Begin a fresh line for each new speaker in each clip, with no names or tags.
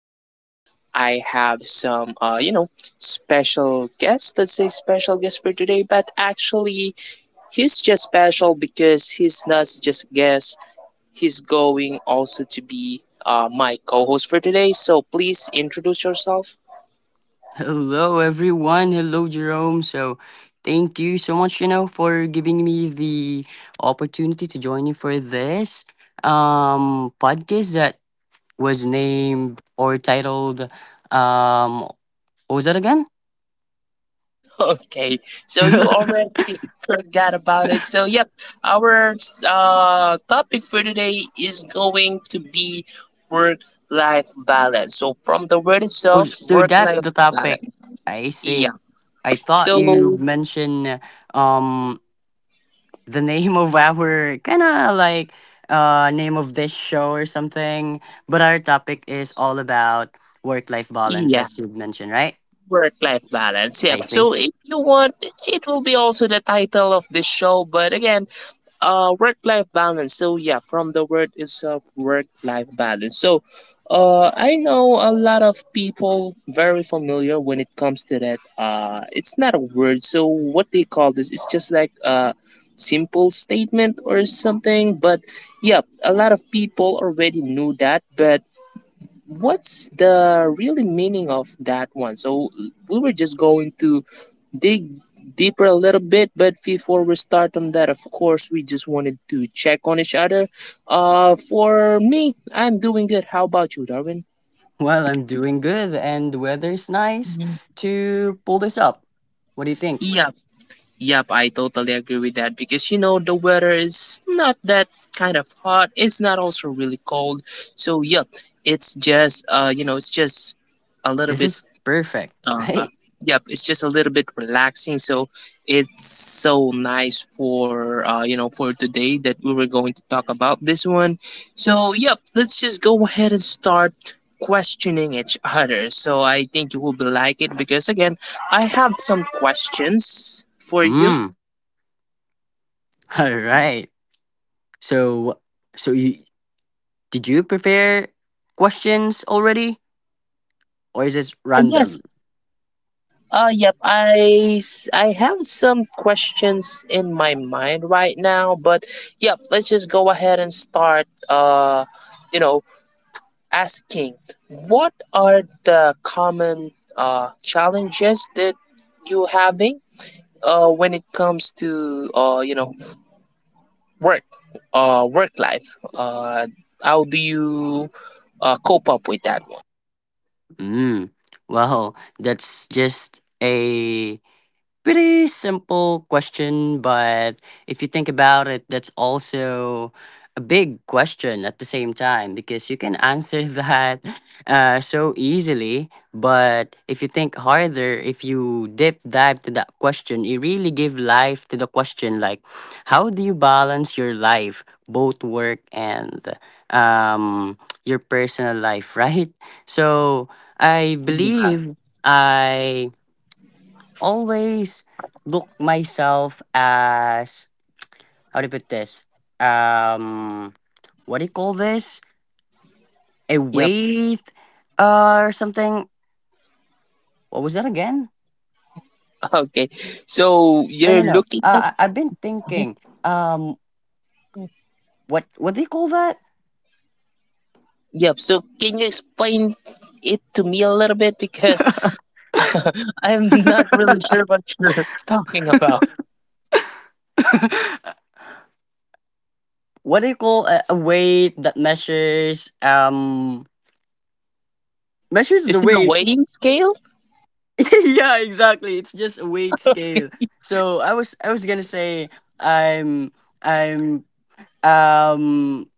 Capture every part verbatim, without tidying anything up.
today I have some, uh, you know, special guest. Let's say special guest for today, but actually, he's just special because he's not just a guest. He's going also to be uh, my co-host for today. So please introduce yourself.
Hello, everyone. Hello, Jerome. So, thank you so much, you know, for giving me the opportunity to join you for this um podcast that was named or titled, um what was that again?
Okay, so you already forgot about it. So yep, our uh, topic for today is going to be work-life balance. So from the word
Oh,
itself,
so that's
work-life
the topic.
balance.
I see.
Yeah.
I thought you
So
mentioned um the name of our kind of like uh name of this show or something, but our topic is all about work life balance,
yeah,
as you mentioned, right?
work life balance.
I
Yep.
see.
So if you want, it will be also the title of this show. But again, uh, work life balance. So yeah, from the word itself, work life balance. So, uh, I know a lot of people very familiar when it comes to that. Uh, it's not a word. So what they call this? It's just like a simple statement or something. But yeah, a lot of people already knew that, but what's the really meaning of that one? So we were just going to dig deeper a little bit, but before we start on that, of course, we just wanted to check on each other. Uh, for me, I'm doing good. How about you, Darwin?
Well, I'm doing good and the weather's nice to pull this up. What do you think?
Yep, yep, I totally agree with that because you know the weather is not that kind of hot. It's not also really cold. So yep, it's just uh, you know, it's just a little
This
bit
is perfect,
Uh,
right?
yep, it's just a little bit relaxing. So it's so nice for uh, you know for today that we were going to talk about this one. So yep, let's just go ahead and start questioning each other. So I think you will be like it because again, I have some questions for you.
Mm. All right, so so you, did you prepare questions already or is this
Uh yes.
random?
Uh yep, I s- I have some questions in my mind right now, but yep, let's just go ahead and start uh you know asking what are the common uh, challenges that you having uh, when it comes to uh, you know work uh, work life, uh, how do you uh, cope up with that one?
Mm, well, that's just a pretty simple question, but if you think about it, that's also a big question at the same time because you can answer that uh, so easily. But if you think harder, if you deep dive to that question, it really give life to the question like, how do you balance your life, both work and um, your personal life, right? So I
Yeah,
believe I always look myself as, how do you put this, um what do you call this a
yep.
weight uh, or something. What was that again?
Okay, so
No no
you're
no
looking at
uh, I, i've been
Mhm.
thinking, um what what do you call that,
Yep. So can you explain it to me a little bit because I'm not really sure what you're talking about.
what do you call a, a weight that measures, um measures the
Is it a
weight?
weighing scale?
Yeah, exactly, it's just a weight scale. So i was i was gonna say i'm i'm um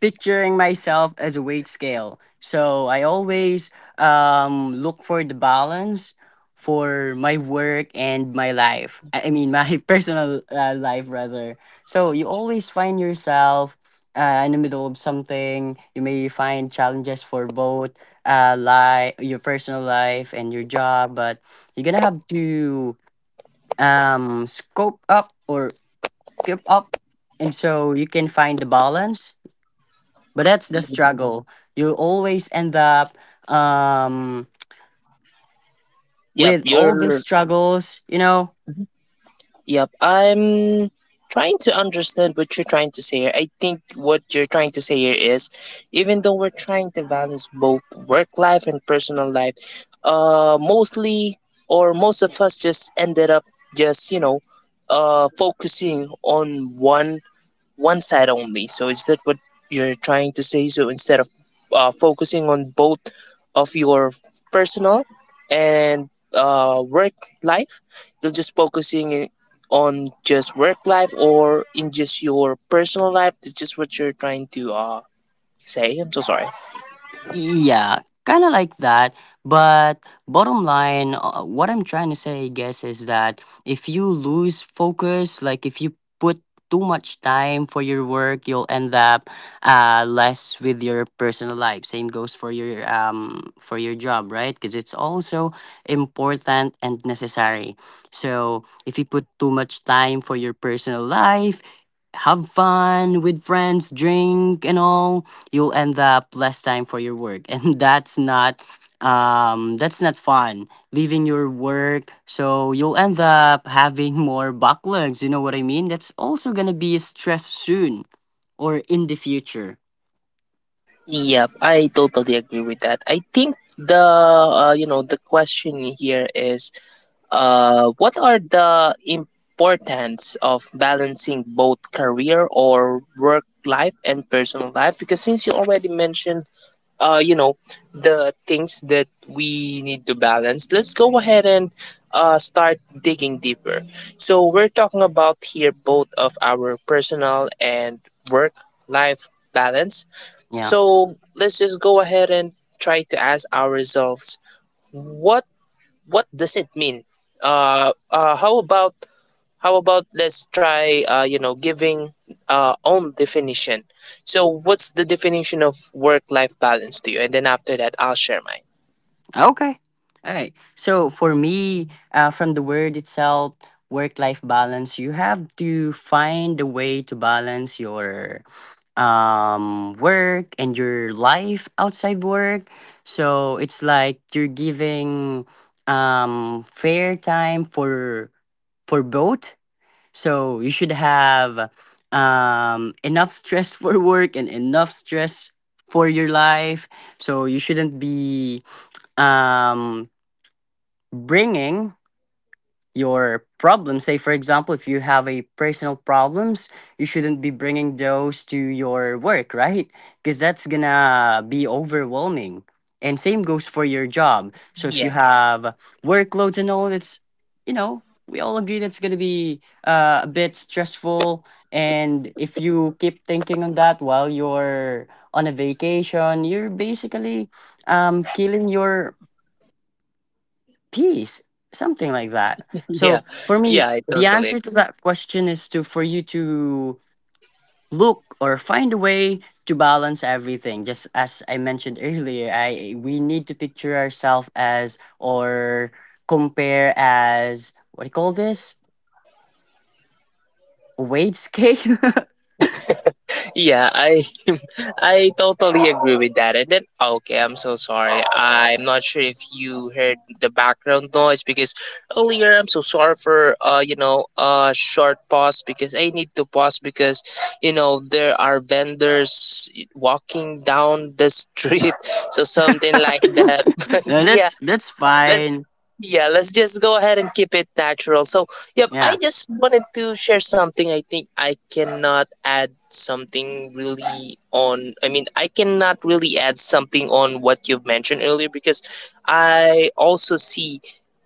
picturing myself as a weight scale. So I always um, look for the balance for my work and my life. I I mean, my personal uh, life rather. So you always find yourself uh, in the middle of something. You may find challenges for both uh, life, your personal life, and your job. But you're gonna have to um, scope up or keep up, and so you can find the balance. But that's the
Yeah.
struggle, you always end up um
yep
with all these
you're
struggles, you know?
Mhm. Yep. I'm trying to understand what you're trying to say here. I think what you're trying to say here is even though we're trying to balance both work life and personal life, uh mostly or most of us just ended up just, you know, uh focusing on one one side only. So is that what you're trying to say? So instead of uh, focusing on both of your personal and uh, work life, you're just focusing in- on just work life or in just your personal life. That's just what you're trying to uh, say. I'm so sorry.
Yeah, kind of like that. But bottom line, uh, what I'm trying to say, I guess, is that if you lose focus, like if you put too much time for your work, you'll end up uh, less with your personal life. Same goes for your um for your job, right? Because it's also important and necessary. So if you put too much time for your personal life, have fun with friends, drink and all, you'll end up less time for your work and that's not um that's not fun leaving your work, so you'll end up having more backlogs, you know what I mean? That's also gonna be stress soon or in the future.
Yep, I totally agree with that. I think the uh, you know the question here is Uh, what are the importance of balancing both career or work life and personal life? Because since you already mentioned, uh, you know, the things that we need to balance, let's go ahead and uh, start digging deeper. So we're talking about here both of our personal and work life balance.
Yeah.
So let's just go ahead and try to ask ourselves what what does it mean? Uh, uh, how about how about let's try uh, you know giving uh, own definition. So what's the definition of work life balance to you? And then after that, I'll share mine.
Okay. All right. So for me, uh, from the word itself, work life balance, you have to find a way to balance your um work and your life outside work. So it's like you're giving um fair time for for both, so you should have um enough stress for work and enough stress for your life. So you shouldn't be um bringing your problem, say for example if you have a personal problems, you shouldn't be bringing those to your work, right? Because that's gonna be overwhelming, and same goes for your job. So if you
Yeah,
have workloads and all, it's, you know, we all agree that's gonna be uh, a bit stressful, and if you keep thinking on that while you're on a vacation, you're basically um killing your peace, something like that. So
yeah,
for me,
yeah. I
the
totally
answer to
agree.
that question is, to for you to look or find a way to balance everything, just as I mentioned earlier, I we need to picture ourselves as, or compare as, what do you call this, a wage scale.
Yeah, I I totally agree with that. And then okay, I'm so sorry. I'm not sure if you heard the background noise because earlier I'm so sorry for uh you know uh short pause because I need to pause because you know there are vendors walking down the street so something like that. But
No,
yeah
that's that's
let's
fine.
yeah let's just go ahead and keep it natural so yep I
Yeah.
just wanted to share something. I think I cannot add something really on, I mean I cannot really add something on what you've mentioned earlier because I also see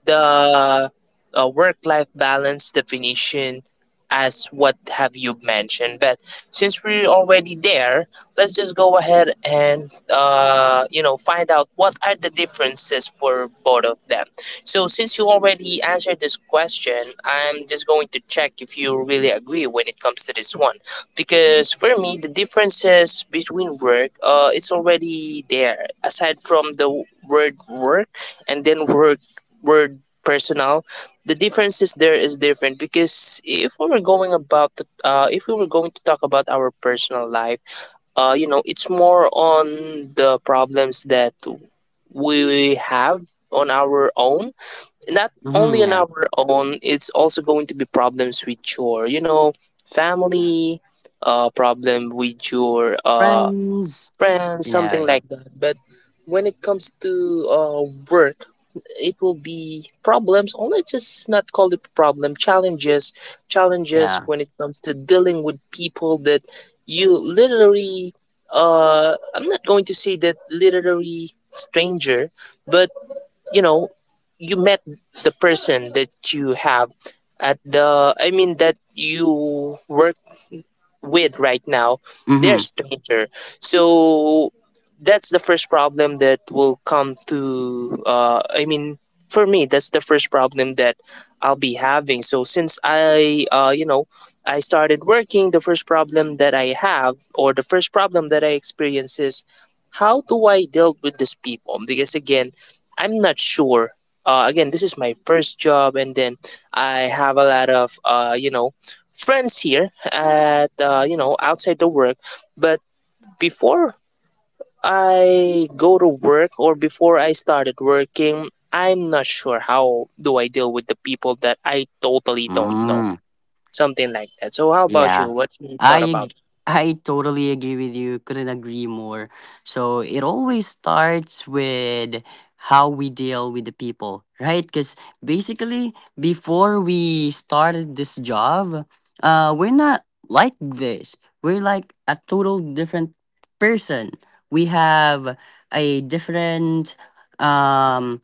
the uh, work life balance definition as what have you mentioned but since we're already there let's just go ahead and uh, you know find out what are the differences for both of them. So since you already answered this question I'm just going to check if you really agree when it comes to this one because for me the differences between work, uh, it's already there aside from the word work and then work word personal. The differences there is different because if we were going about to, uh, if we were going to talk about our personal life, uh, you know, it's more on the problems that we have on our own. Not
Hmm.
only on
Yeah,
our own, it's also going to be problems with your, you know, family, uh, problem with your uh,
friends,
friends,
you know.
something
Yeah.
like that. But when it comes to uh, work, it will be problems or let's just not call it problem, challenges, challenges
Yeah.
when it comes to dealing with people that you literally, uh I'm not going to say that literally stranger but you know you met the person that you have at the, I mean that you work with right now, they're
Mm-hmm.
stranger. So that's the first problem that will come to. Uh, I mean, for me, that's the first problem that I'll be having. So since I, uh, you know, I started working, the first problem that I have or the first problem that I experience is how do I deal with these people? Because again, I'm not sure. Uh, again, this is my first job, and then I have a lot of uh, you know friends here at uh, you know outside the work but before I go to work or before I started working I'm not sure how do I deal with the people that I totally don't know,
Mm.
something like that. So how about
Yeah,
you, what you
I
thought about?
ag- I totally agree with you. Couldn't agree more. So it always starts with how we deal with the people, right? Because basically, before we started this job, uh, we're not like this. We're like a total different person. We have a different, um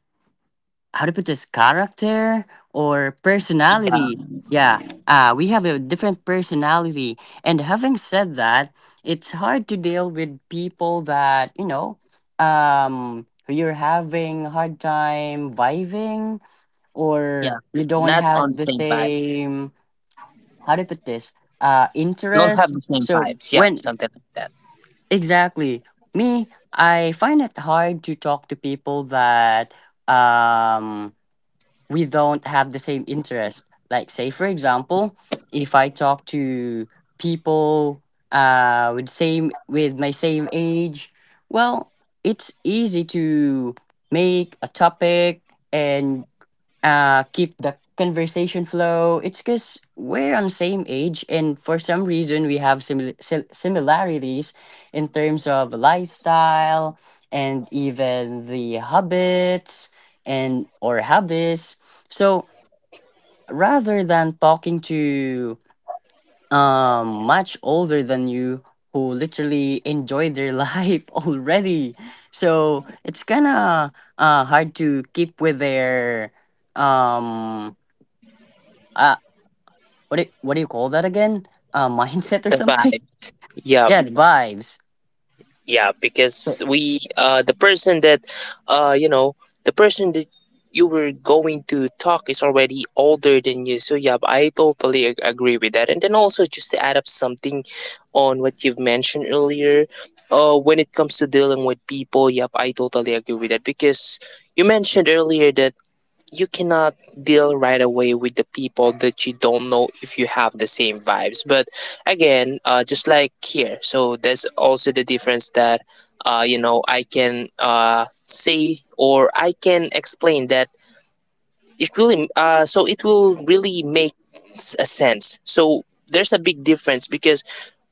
how to put this, character or personality. Yeah, uh, we have a different personality. And having said that, it's hard to deal with people that, you know, um, you're having hard time vibing, or
Yeah,
you don't
not on
have
the
the
same vibe,
same, how to put this, uh,
don't have
interest.
the same
So
vibes, yeah,
when,
something like that.
exactly, me, I find it hard to talk to people that, um, we don't have the same interest. Like, say, for example, if I talk to people uh, with same with my same age, well, it's easy to make a topic and uh keep the conversation flow. It's because we're on same age and for some reason we have simil- sil- similarities in terms of lifestyle and even the habits and or habits. So rather than talking to um much older than you who literally enjoy their life already, so it's kind of uh hard to keep with their um uh what do what do you call that again? Uh mindset or
The
something?
vibe, yeah,
Yeah, the vibes.
yeah.
So
Because we, uh the person that uh you know the person that you were going to talk is already older than you. So yeah, I totally ag- agree with that. And then also just to add up something on what you've mentioned earlier, uh when it comes to dealing with people, yep I totally agree with that because you mentioned earlier that you cannot deal right away with the people that you don't know if you have the same vibes. But again, uh, just like here, so there's also the difference that uh, you know I can uh, say or I can explain that it really uh, so it will really make s- a sense. So there's a big difference because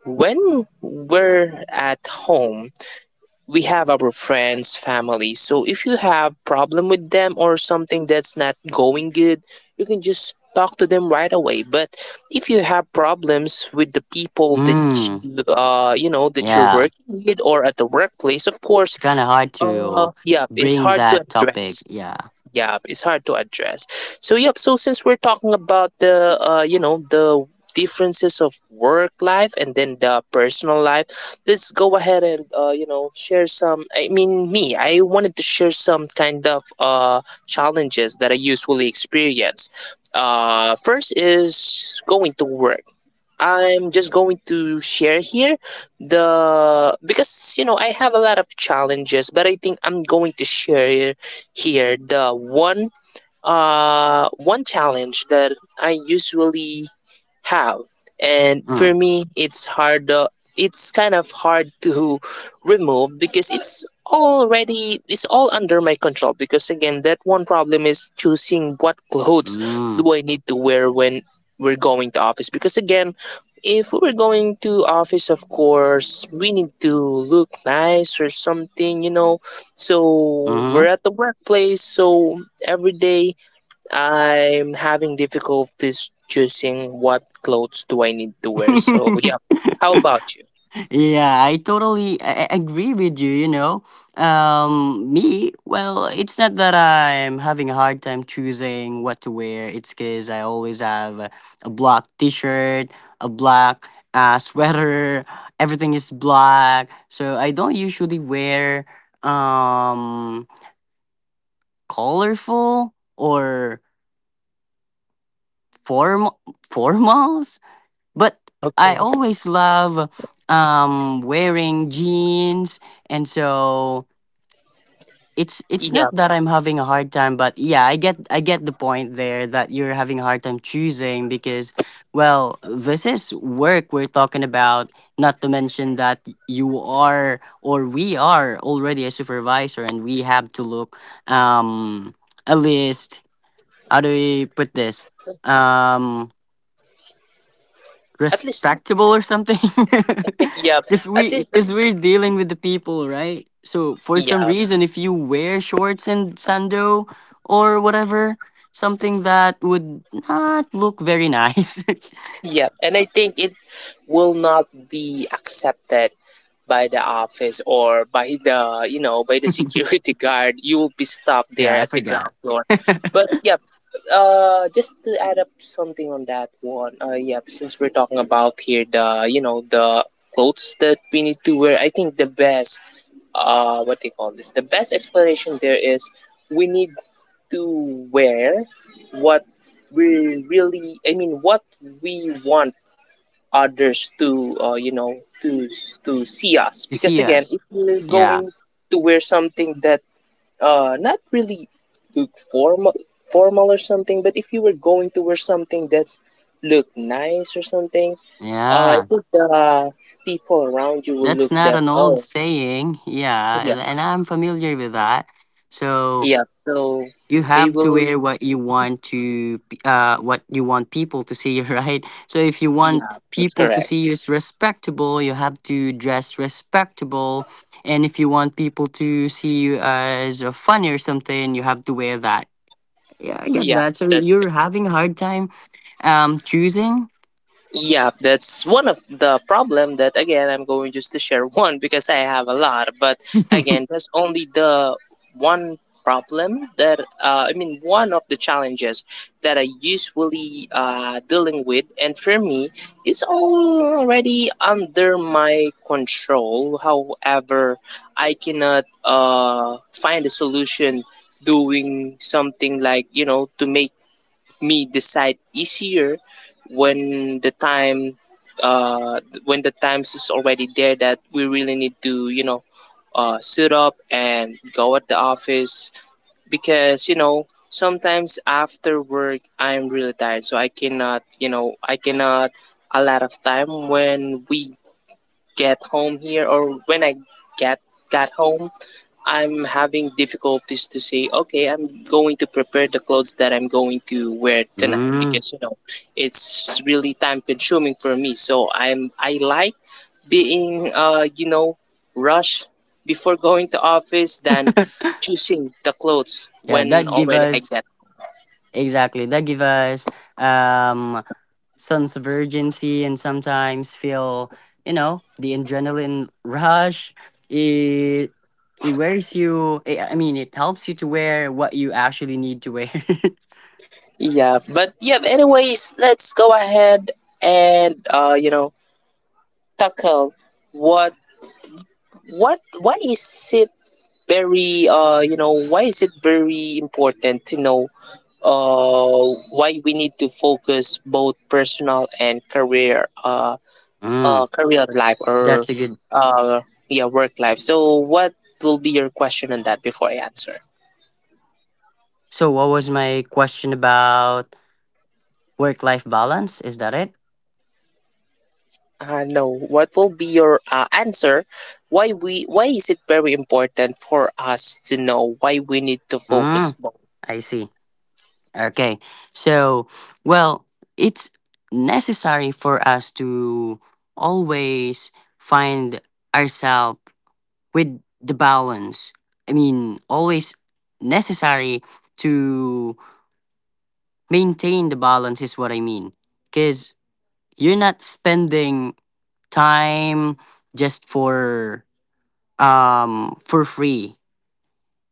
when we're at home we have our friends, family, so if you have problem with them or something that's not going good you can just talk to them right away. But if you have problems with the people that
mm,
you, uh you know that you're
yeah.
working with or at the workplace, of
It's
course,
kinda hard
uh
to
yeah it's
bring
hard to
that topic.
address.
Yeah.
Yeah, it's hard to address. So yep, so since we're talking about the uh you know the differences of work life and then the personal life, let's go ahead and uh you know share some, I mean me, I wanted to share some kind of uh challenges that I usually experience. uh first is going to work. I'm just going to share here the, because you know I have a lot of challenges, but I think I'm going to share here the one uh, one challenge that I usually have, and for
Mm.
me, it's hard. Uh, it's kind of hard to remove because it's already, it's all under my control because again that one problem is choosing what clothes
Mm.
do I need to wear when we're going to office. Because again, if we're going to office, of course we need to look nice or something you know, so
Mm-hmm.
we're at the workplace. So every day I'm having difficulties choosing what clothes do I need to wear. So yeah, how about you?
Yeah, I totally a- a- agree with you, you know. Um me, well, it's not that I'm having a hard time choosing what to wear. It's cuz I always have a, a black t-shirt, a black uh, sweater, everything is black. So I don't usually wear um colorful or form formals, but
Yeah,
I
okay.
always love um wearing jeans, and so it's it's not
Yeah,
that I'm having a hard time, but yeah, I get I get the point there that you're having a hard time choosing because, well, this is work we're talking about, not to mention that you are or we are already a supervisor and we have to look um a list how do we put this, Um,
at least
respectable or something
yeah,
because
at
we,
least
because we're dealing with the people, right? So for some
yeah,
reason if you wear shorts and sando or whatever, something that would not look very nice.
yeah. And I think it will not be accepted by the office or by the you know by the security guard. You will be stopped there
Yeah, I
at the
forgot.
ground floor. But yeah, uh just to add up something on that one, uh yeah, since we're talking about here the you know the clothes that we need to wear, I think the best, uh what they call this, the best explanation there is, we need to wear what we really, i mean what we want others to, uh, you know to to see us.
You
Because
see
again,
us.
if you're
Yeah.
going to wear something that uh not really look formal formal or something, but if you were going to wear something that's look nice or something, uh I
Yeah,
think the, uh, people around you will
that's
look
not
that,
an
oh
old saying. Yeah.
yeah,
And and I'm familiar with that. So
yeah, so
you
they
have to
will,
wear what you want to p- uh what you want people to see, right? So if you
yeah,
want
that's
people to
correct,
see you as respectable, you have to dress respectable. And if you want people to see you as uh, funny or something, you have to wear that. Yeah, I get
yeah.
that. So you're having a hard time um choosing.
Yeah, that's one of the problem that again I'm going just to share one because I have a lot, but again that's only the one problem that, uh, I mean one of the challenges that I usually, uh, dealing with, and for me it's already under my control. However, I cannot, uh, find a solution doing something like, you know to make me decide easier when the time, uh when the times is already there that we really need to, you know uh suit up and go at the office. Because you know sometimes after work I'm really tired, so I cannot, you know, I cannot a lot of time when we get home here or when I get got home, I'm having difficulties to say, okay, I'm going to prepare the clothes that I'm going to wear tonight
Mm.
because you know it's really time consuming for me. So I'm I like being, uh you know rush before going to office than choosing the clothes
Yeah,
when
that give
already I
us
get.
exactly that give us um sense of urgency and sometimes feel, you know, the adrenaline rush. it it wears you I I mean, it helps you to wear what you actually need to wear.
Yeah, but yeah. Anyways, let's go ahead and, uh you know tackle what what what is it very, uh you know why is it very important to know, uh why we need to focus both personal and career, uh uh
Mm,
career life or,
that's a good.
uh yeah, work life. So what will be your question on that before I answer?
So what was my question about work life balance is that it,
uh no, what will be your, uh, answer? Why we, why is it very important for us to know why we need to focus
mm,
both?
I see. Okay, so well, it's necessary for us to always find ourselves with the balance. I mean, always necessary to maintain the balance is what I mean. Because you're not spending time just for um for free.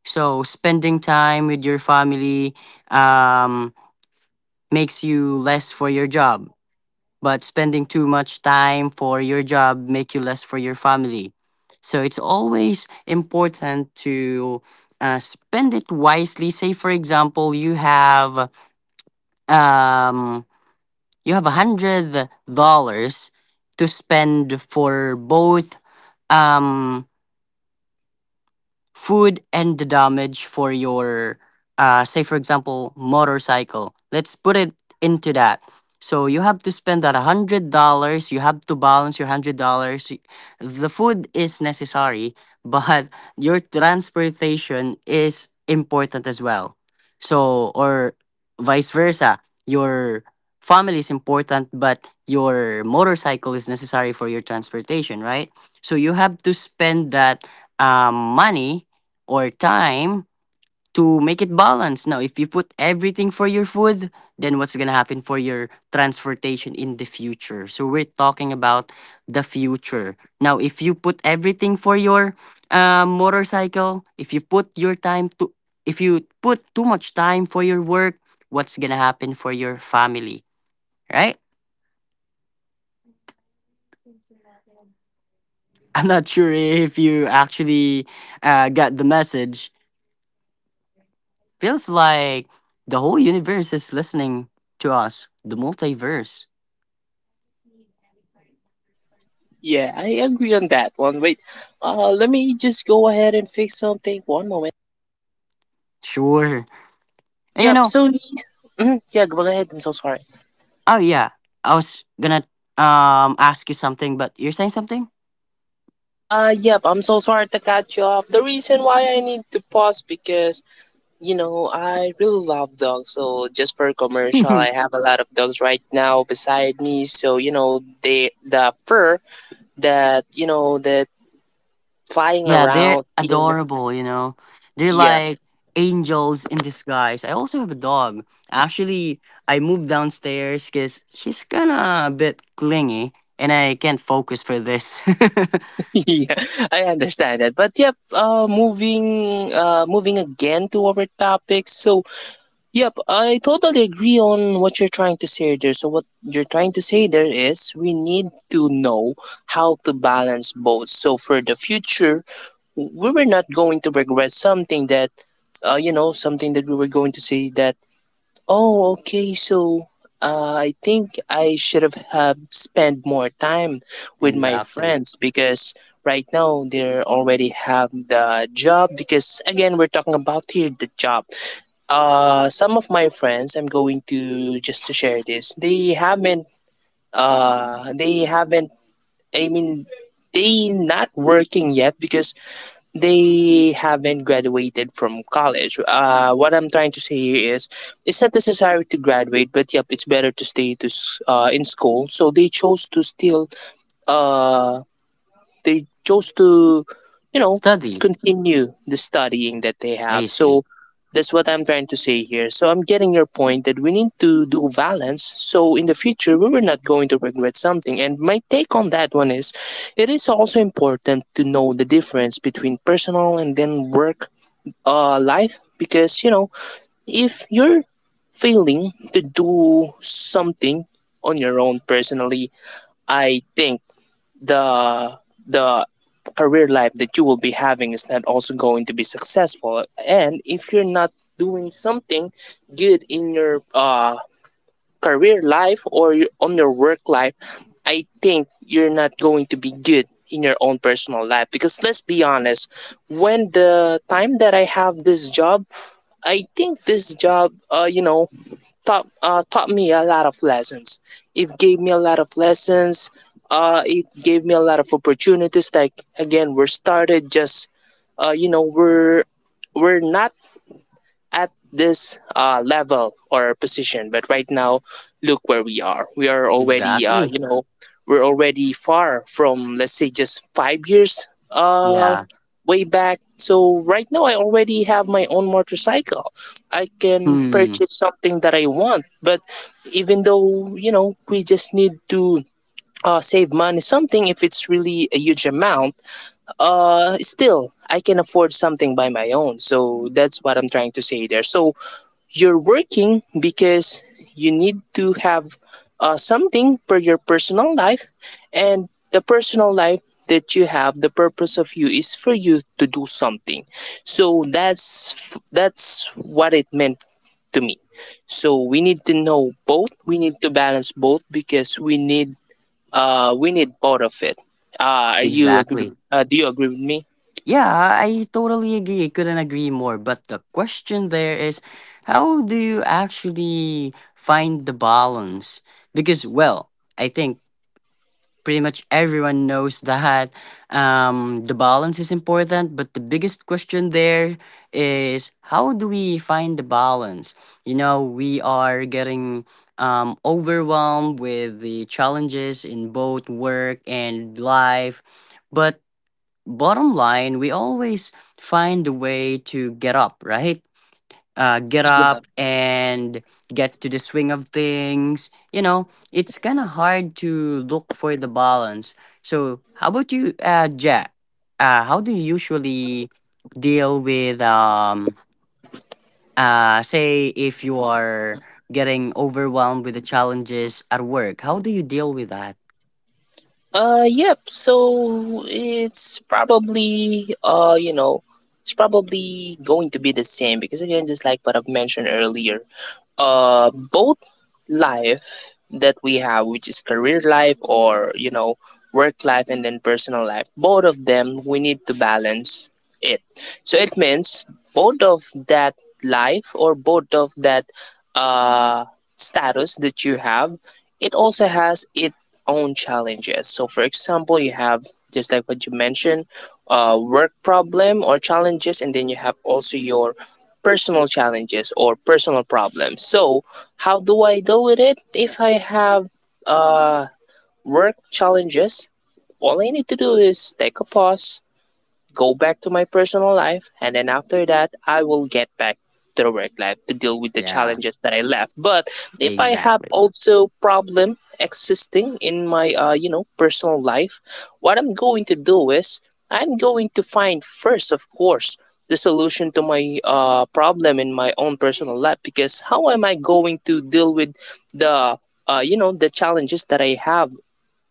So spending time with your family um makes you less for your job, but spending too much time for your job make you less for your family. So it's always important to uh, spend it wisely. Say for example, you have um you have a hundred dollars to spend for both um food and the damage for your uh say for example motorcycle, let's put it into that. So you have to spend that one hundred dollars, you have to balance your one hundred dollars. The food is necessary, but your transportation is important as well. So or vice versa, your family is important, but your motorcycle is necessary for your transportation, right? So you have to spend that um, money or time to make it balanced. Now, if you put everything for your food, then what's going to happen for your transportation in the future? So we're talking about the future. Now, if you put everything for your uh, motorcycle, if you put your time to, if you put too much time for your work, what's going to happen for your family, right? I'm not sure if you actually uh, got the message. Feels like the whole universe is listening to us, the multiverse.
Yeah, I agree on that one. Wait, uh let me just go ahead and fix something. One moment.
Sure. And you
Yep.
know,
So, mhm, yeah, go ahead. I'm so sorry.
oh yeah, I was gonna um ask you something, but you're saying something?
Uh, yep. I'm so sorry to cut you off. The reason why I need to pause because you know I really love dogs. So just for a commercial, I have a lot of dogs right now beside me. So you know they the fur that you know that flying
Yeah, they're
around here.
adorable, you know. They're
Yeah,
like angels in disguise. I also have a dog. Actually, I moved downstairs because she's kind of a bit clingy and I can't focus for this.
yeah, I understand that. But yep, uh, moving, uh, moving again to our topic. So yep, I totally agree on what you're trying to say there. So, what you're trying to say there is we need to know how to balance both. So, for the future, we were not going to regret something that, uh, you know, something that we were going to say that, oh, okay, so, uh, I think I should have, have spent more time with my
Exactly.
friends because right now they already have the job. Because, again, we're talking about here the job, uh, some of my friends, I'm going to just to share this. They haven't. Uh, they haven't. I mean, they not working yet because they haven't graduated from college. Uh, what I'm trying to say here is, it's not necessary to graduate, but yep, it's better to stay to s- uh, in school. So they chose to still, uh they chose to, you know,
Study,
continue the studying that they have.
A C.
So that's what I'm trying to say here. So I'm getting your point that we need to do balance. So in the future, we were not going to regret something. And my take on that one is it is also important to know the difference between personal and then work, uh, life because, you know, if you're failing to do something on your own personally, I think the the career life that you will be having is not also going to be successful. And if you're not doing something good in your, uh, career life or your, on your work life, I think you're not going to be good in your own personal life. Because let's be honest, when the time that I have this job, I think this job, uh, you know, taught, uh, taught me a lot of lessons. It gave me a lot of lessons. Uh, it gave me a lot of opportunities. Like again, we're started just, uh, you know, we're we're not at this, uh, level or position, but right now look where we are. We are already, uh,
Exactly.
you know, we're already far from let's say just five years, uh,
Yeah.
way back. So right now I already have my own motorcycle. I can
Hmm,
purchase something that I want. But even though you know we just need to, uh, save money something, if it's really a huge amount, uh still I can afford something by my own. So that's what I'm trying to say there. So you're working because you need to have, uh, something for your personal life, and the personal life that you have, the purpose of you is for you to do something. So that's that's what it meant to me. So we need to know both. We need to balance both because we need, uh we need both of it. Uh, are you agree?
exactly.
Uh, do you agree with me?
Yeah, I totally agree. Couldn't agree more. But the question there is, how do you actually find the balance? Because, well, I think pretty much everyone knows that um, the balance is important. But the biggest question there is how do we find the balance? You know, we are getting um, overwhelmed with the challenges in both work and life. But bottom line, we always find a way to get up, right? Uh, get up and get to the swing of things. You know, it's kind of hard to look for the balance. So, how about you, uh, Jack? Uh, how do you usually deal with, um, uh, say, if you are getting overwhelmed with the challenges at work? How do you deal with that?
Uh, yep. So it's probably, uh, you know, it's probably going to be the same because again, just like what I've mentioned earlier, uh, both life that we have, which is career life or you know work life and then personal life, both of them we need to balance it. So it means both of that life or both of that, uh, status that you have, it also has its own challenges. So for example, you have just like what you mentioned, uh, work problem or challenges, and then you have also your personal challenges or personal problems. So, how do I deal with it? If I have, uh, work challenges, all I need to do is take a pause, go back to my personal life, and then after that, I will get back to the work life to deal with the
Yeah,
challenges that I left. But if I have
exactly.
also problem existing in my, uh, you know personal life, what I'm going to do is I'm going to find first, of course, the solution to my, uh, problem in my own personal life. Because how am I going to deal with the, uh, you know the challenges that I have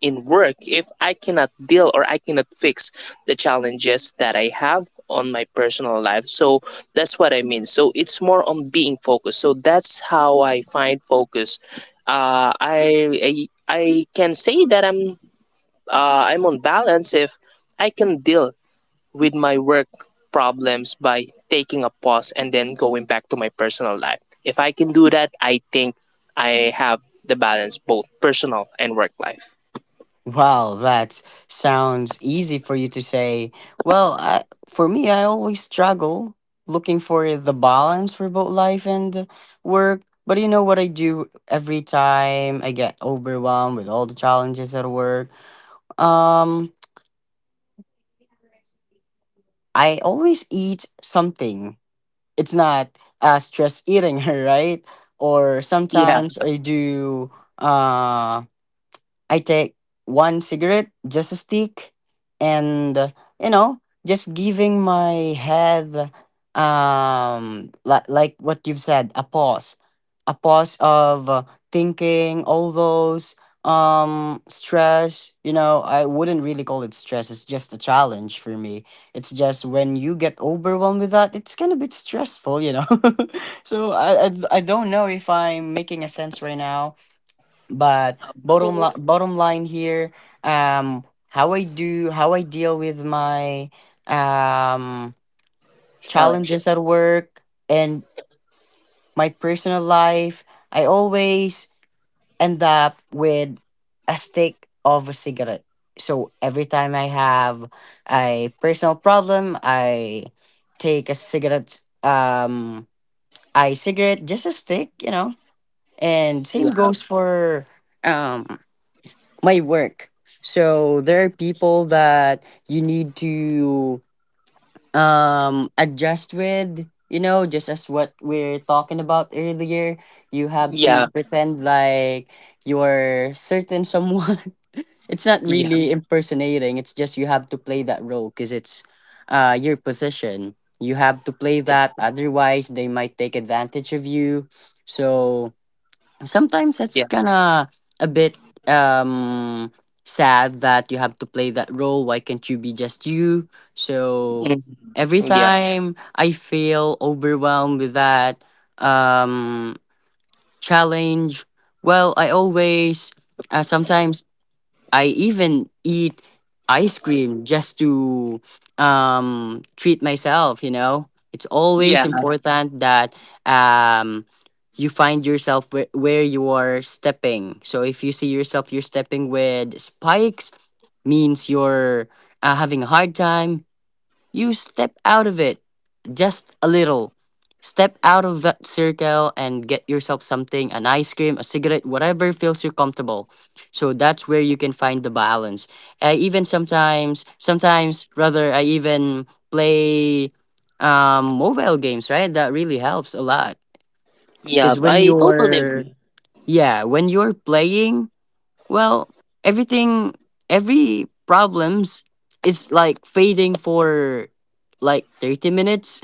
in work if I cannot deal or I cannot fix the challenges that I have on my personal life? So that's what I mean. So it's more on being focused. So that's how I find focus. Uh, I, I I can say that I'm, uh, I'm on balance if I can deal with my work problems by taking a pause and then going back to my personal life. If I can do that, I think I have the balance both personal and work life.
Wow, that sounds easy for you to say. Well, I, for me, I always struggle looking for the balance for both life and work. But you know what I do every time I get overwhelmed with all the challenges at work? Um, I always eat something. It's not uh, stress eating, right? Or
Yeah.
sometimes I do. uh I take one cigarette, just a stick, and uh, you know, just giving my head, um, li- like what you've said, a pause, a pause of uh, thinking all those um stress. You know, I wouldn't really call it stress. It's just a challenge for me. It's just when you get overwhelmed with that, it's kind of bit stressful, you know. So I, I i don't know if I'm making a sense right now, but bottom li- bottom line here, um how I do, how I deal with my um
Challenges.
challenges at work and my personal life, I always end up with a stick of a cigarette. So every time I have a personal problem, I take a cigarette. Um, I cigarette, just a stick, you know. And same
Yeah,
goes for um. my work. So there are people that you need to um adjust with, you know, just as what we're talking about earlier. You have to
yeah,
pretend like you're certain someone. It's not
yeah,
really impersonating, it's just you have to play that role because it's uh your position. You have to play
eh,
that, otherwise they might take advantage of you. So sometimes it's
yeah,
kind of a bit um sad that you have to play that role. Why can't you be just you? So
mm,
every
yeah,
time I feel overwhelmed with that um challenge, well, I always uh, sometimes I even eat ice cream just to um, treat myself, you know? It's always
yeah,
Mhm. important that um, you find yourself where, where you are stepping. So if you see yourself you're stepping with spikes, means you're uh, having a hard time. You step out of it just a little. Step out of that circle and get yourself something, an ice cream, a cigarette, whatever feels you comfortable. So that's where you can find the balance. I even sometimes, sometimes rather, I even play um, mobile games, right? That really helps a lot.
yeah.
Because when
I totally
you're,
agree.
yeah, when you're playing, well, everything, every problems is like fading for like thirty minutes.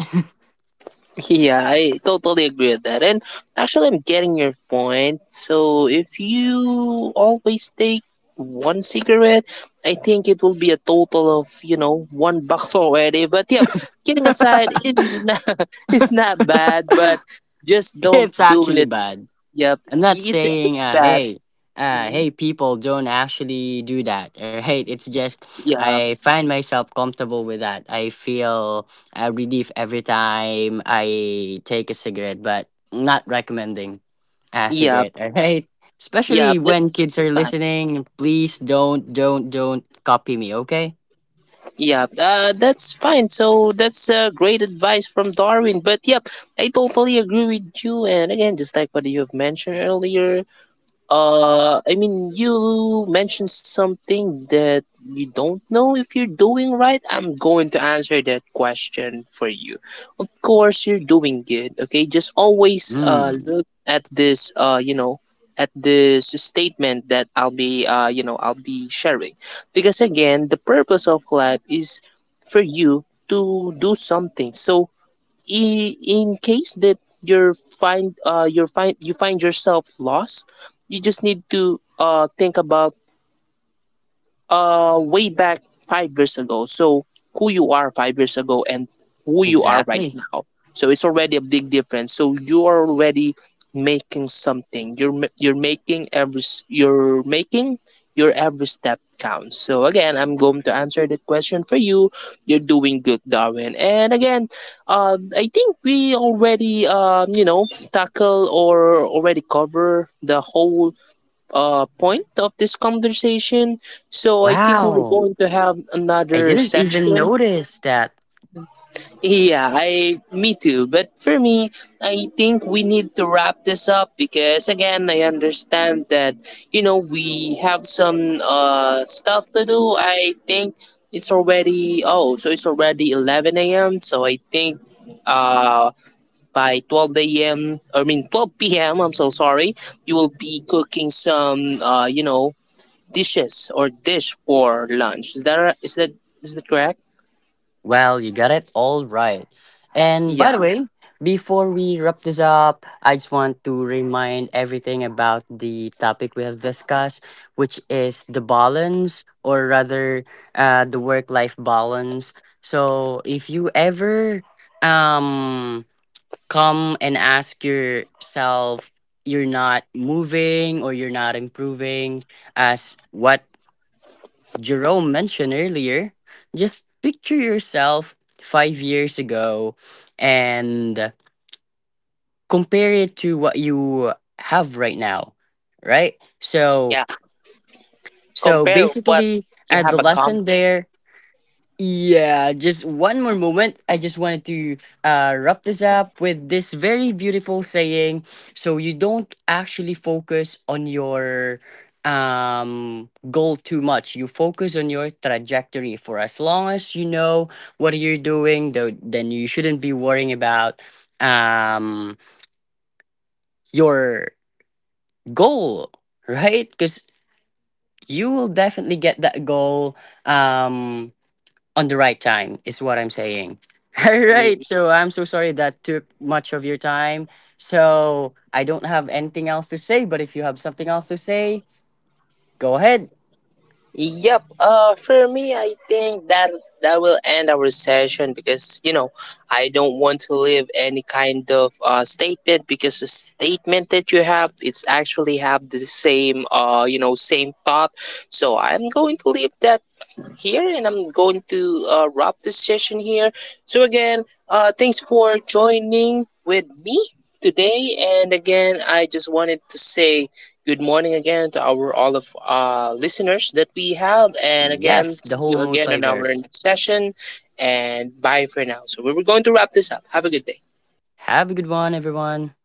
Yeah, I totally agree with that. And actually, I'm getting your point. So if you always take one cigarette, I think it will be a total of you know one box already. But yeah, kidding aside, it's not, it's not bad, but just don't
It's
do
actually
it.
bad.
Yep,
I'm not
it's it's
saying, uh,
bad.
hey, uh,
Hmm.
hey, people don't actually do that. Or, hey, it's just
Yeah,
I find myself comfortable with that. I feel a relief every time I take a cigarette, but not recommending a
yeah,
cigarette. All right,
yeah.
especially
That's
when kids are
fine.
listening. Please don't, don't, don't copy me. Okay.
Yeah, uh, that's fine. So that's, uh, great advice from Darwin. But yep, I totally agree with you. And again, just like what you have mentioned earlier, uh, I mean, you mentioned something that you don't know if you're doing right. I'm going to answer that question for you. Of course, you're doing good. Okay, just always, uh
Hmm.
look at this, uh you know at this statement that I'll be uh you know I'll be sharing. Because again, the purpose of life is for you to do something. So, I- in case that you're find uh you're find you find yourself lost, you just need to, uh think about, uh way back five years ago. So who you are five years ago and who you are right
Exactly.
now. So it's already a big difference. So you're already making something. you're ma- you're making every s- you're making your every step counts. So again, I'm going to answer the question for you. You're doing good, Darwin. And again, uh, I think we already, um, you know, tackle or already cover the whole, uh, point of this conversation. So I think we're
Wow.
going to have
I
another
didn't even
session.
notice that.
Yeah, I me too. But for me, I think we need to wrap this up because again, I understand that you know we have some, uh stuff to do. I think it's already oh, so it's already eleven a m. So I think, uh by twelve a.m. i mean twelve p.m., I'm so sorry, you will be cooking some, uh you know, dishes or dish for lunch. Is that is that is that correct?
Well, you got it all right. And
Yeah,
by the way, before we wrap this up, I just want to remind everything about the topic we have discussed, which is the balance, or rather, uh, the work-life balance. So, if you ever um come and ask yourself, you're not moving or you're not improving as what Jerome mentioned earlier, just picture yourself five years ago and compare it to what you have right now, right? So,
yeah.
so
Compare what
basically,
you
uh,
have
the lesson
accomplished.
there, yeah, just one more moment. I just wanted to uh, wrap this up with this very beautiful saying. So you don't actually focus on your um goal too much. You focus on your trajectory. For as long as you know what you're doing, though, then you shouldn't be worrying about um your goal, right? Because you will definitely get that goal. Um on the right time is what I'm saying. All
Yeah.
right, so I'm so sorry that took much of your time. So I don't have anything else to say, but if you have something else to say, go ahead.
Yep. Uh, for me, I think that that will end our session because you know I don't want to leave any kind of, uh, statement because the statement that you have, it's actually have the same, uh you know same thought. So I'm going to leave that here, and I'm going to, uh, wrap this session here. So, again, uh, thanks for joining with me today. And again, I just wanted to say good morning again to our all of, uh, listeners that we have. And again,
Yes, the
see
whole
you again in our
multiverse,
next session. And bye for now. So, we we're going to wrap this up. Have a good day.
have a good one everyone.